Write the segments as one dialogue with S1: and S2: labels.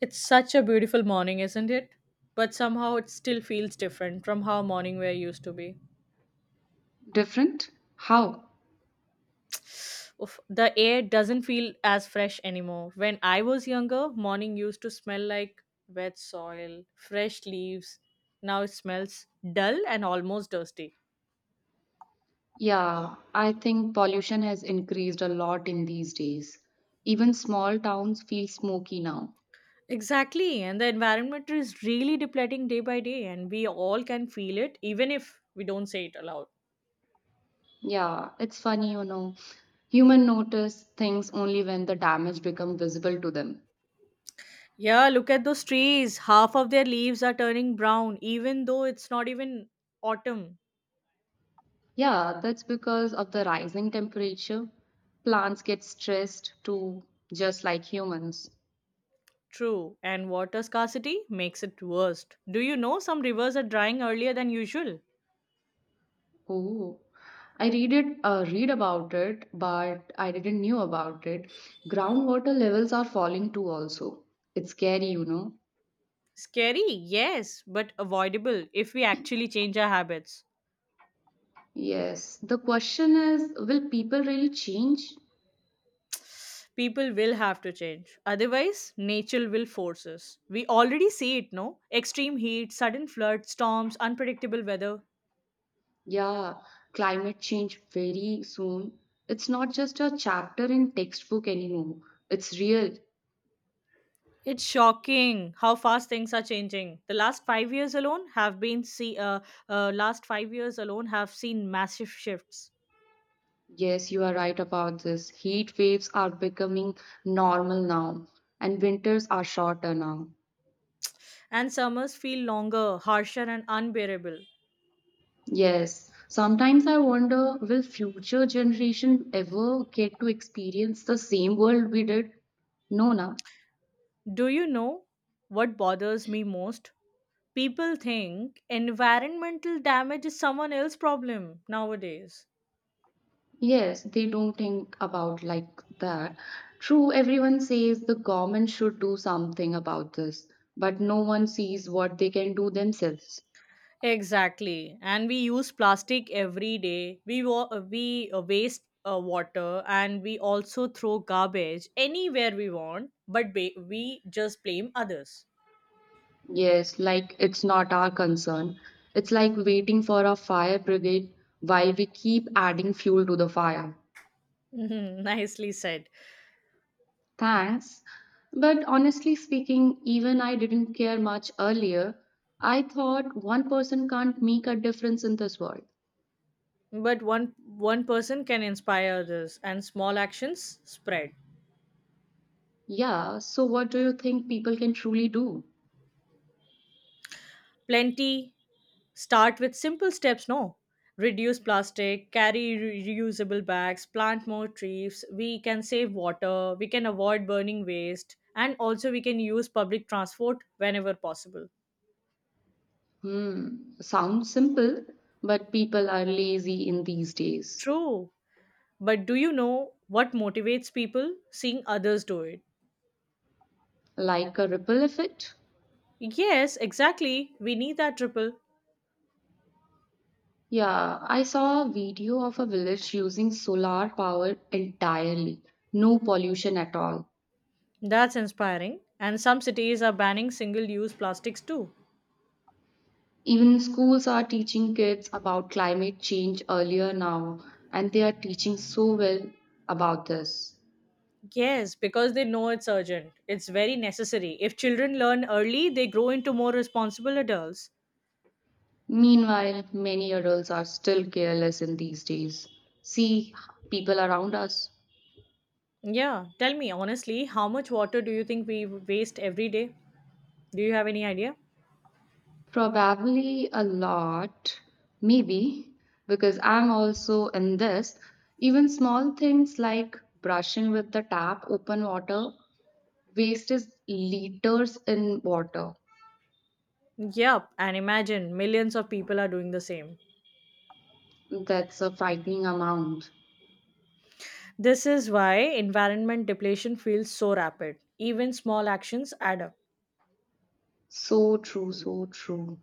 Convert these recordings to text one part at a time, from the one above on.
S1: It's such a beautiful morning, isn't it? But somehow it still feels different from how morning we're used to be.
S2: Different? How?
S1: Oof, the air doesn't feel as fresh anymore. When I was younger, morning used to smell like wet soil, fresh leaves. Now it smells dull and almost dusty.
S2: Yeah, I think pollution has increased a lot in these days. Even small towns feel smoky now.
S1: Exactly, and the environment is really depleting day by day, and we all can feel it even if we don't say it aloud.
S2: Yeah, it's funny, you know. Human notice things only when the damage become visible to them.
S1: Yeah, look at those trees. Half of their leaves are turning brown, even though it's not even autumn.
S2: Yeah, that's because of the rising temperature. Plants get stressed too, just like humans.
S1: True. And water scarcity makes it worst. Do you know some rivers are drying earlier than usual?
S2: Oh, I read read about it, but I didn't knew about it. Groundwater levels are falling too also. It's scary, you know.
S1: Scary, yes, but avoidable if we actually change our habits.
S2: Yes, the question is, will people really change?
S1: People will have to change. Otherwise, nature will force us. We already see it, no? Extreme heat, sudden floods, storms, unpredictable weather.
S2: Yeah, climate change very soon. It's not just a chapter in textbook anymore. It's real.
S1: It's shocking how fast things are changing. The last five years alone have been see last 5 years alone have seen massive shifts,
S2: Yes, you are right about this. Heat waves are becoming normal now, and winters are shorter now.
S1: and summers feel longer, harsher, and unbearable.
S2: Yes, sometimes I wonder will future generation ever get to experience the same world we did? No, na.
S1: Do you know what bothers me most? People think environmental damage is someone else's problem nowadays.
S2: Yes, they don't think about like that. True, everyone says the government should do something about this, but no one sees what they can do themselves.
S1: Exactly. And we use plastic every day. We wa- we waste water, and we also throw garbage anywhere we want, we just blame others.
S2: Yes, like it's not our concern. It's like waiting for a fire brigade while we keep adding fuel to the fire.
S1: Mhm. Nicely said.
S2: Thanks. But honestly speaking, even I didn't care much earlier. I thought one person can't make a difference in this world.
S1: But one person can inspire others, and small actions spread.
S2: Yeah, so what do you think people can truly do?
S1: Plenty. Start with simple steps, no? Reduce plastic, carry reusable bags, plant more trees, we can save water, we can avoid burning waste, and also we can use public transport whenever possible.
S2: Hmm, sounds simple, but people are lazy in these days.
S1: True. But do you know what motivates people? Seeing others do it.
S2: Like a ripple effect?
S1: Yes, exactly. We need that triple.
S2: Yeah, I saw a video of a village using solar power entirely, no pollution at all.
S1: That's inspiring. And some cities are banning single use plastics too.
S2: Even schools are teaching kids about climate change earlier now, and they are teaching so well about this.
S1: Yes, because they know it's urgent. It's very necessary. If children learn early, they grow into more responsible adults.
S2: Meanwhile, many adults are still careless in these days. See people around us.
S1: Yeah, tell me honestly, how much water do you think we waste every day? Do you have any idea?
S2: Probably a lot, maybe, because I'm also in this. Even small things like brushing with the tap open water, wastes liters in water.
S1: Yup, and imagine millions of people are doing the same.
S2: That's a frightening amount.
S1: This is why environment depletion feels so rapid. Even small actions add up.
S2: So true, so true.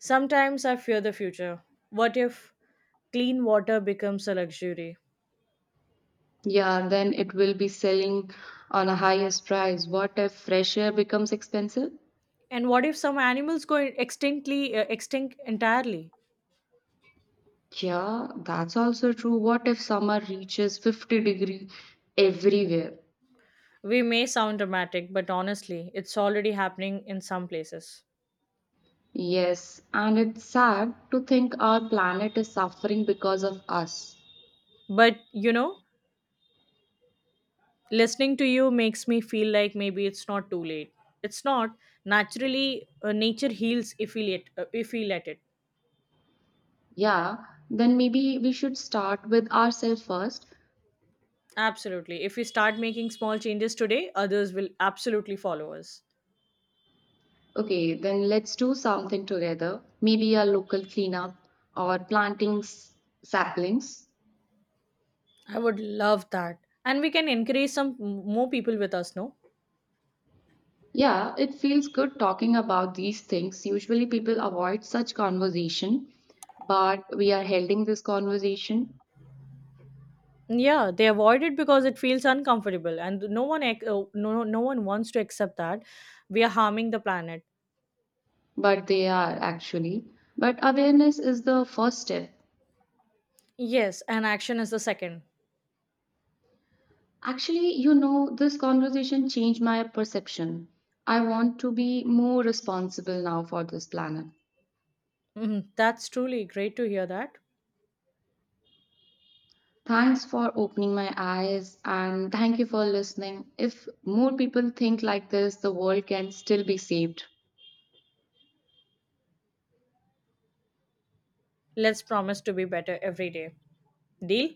S1: Sometimes I fear the future. What if clean water becomes a luxury?
S2: Yeah, then it will be selling on a highest price. What if fresh air becomes expensive?
S1: And what if some animals go extinct entirely?
S2: Yeah, that's also true. What if summer reaches 50-degree everywhere?
S1: We may sound dramatic, but honestly, it's already happening in some places.
S2: Yes, and it's sad to think our planet is suffering because of us.
S1: But you know, listening to you makes me feel like maybe it's not too late. It's not. Nature heals if we let it.
S2: Yeah, then maybe we should start with ourselves first.
S1: Absolutely. If we start making small changes today, others will absolutely follow us.
S2: Okay, then let's do something together. Maybe a local cleanup or planting saplings.
S1: I would love that. And we can encourage some more people with us, no?
S2: Yeah, it feels good talking about these things. Usually people avoid such conversation, but we are holding this conversation,
S1: Yeah, they avoid it because it feels uncomfortable, and no one wants to accept that we are harming the planet.
S2: but they are actually. But awareness is the first step.
S1: Yes, and action is the second.
S2: Actually, you know, this conversation changed my perception. I want to be more responsible now for this planet.
S1: Mhm. That's truly great to hear that.
S2: Thanks for opening my eyes and thank you for listening. If more people think like this, the world can still be saved.
S1: Let's promise to be better every day. Deal?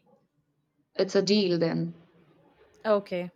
S2: It's a deal then.
S1: Okay.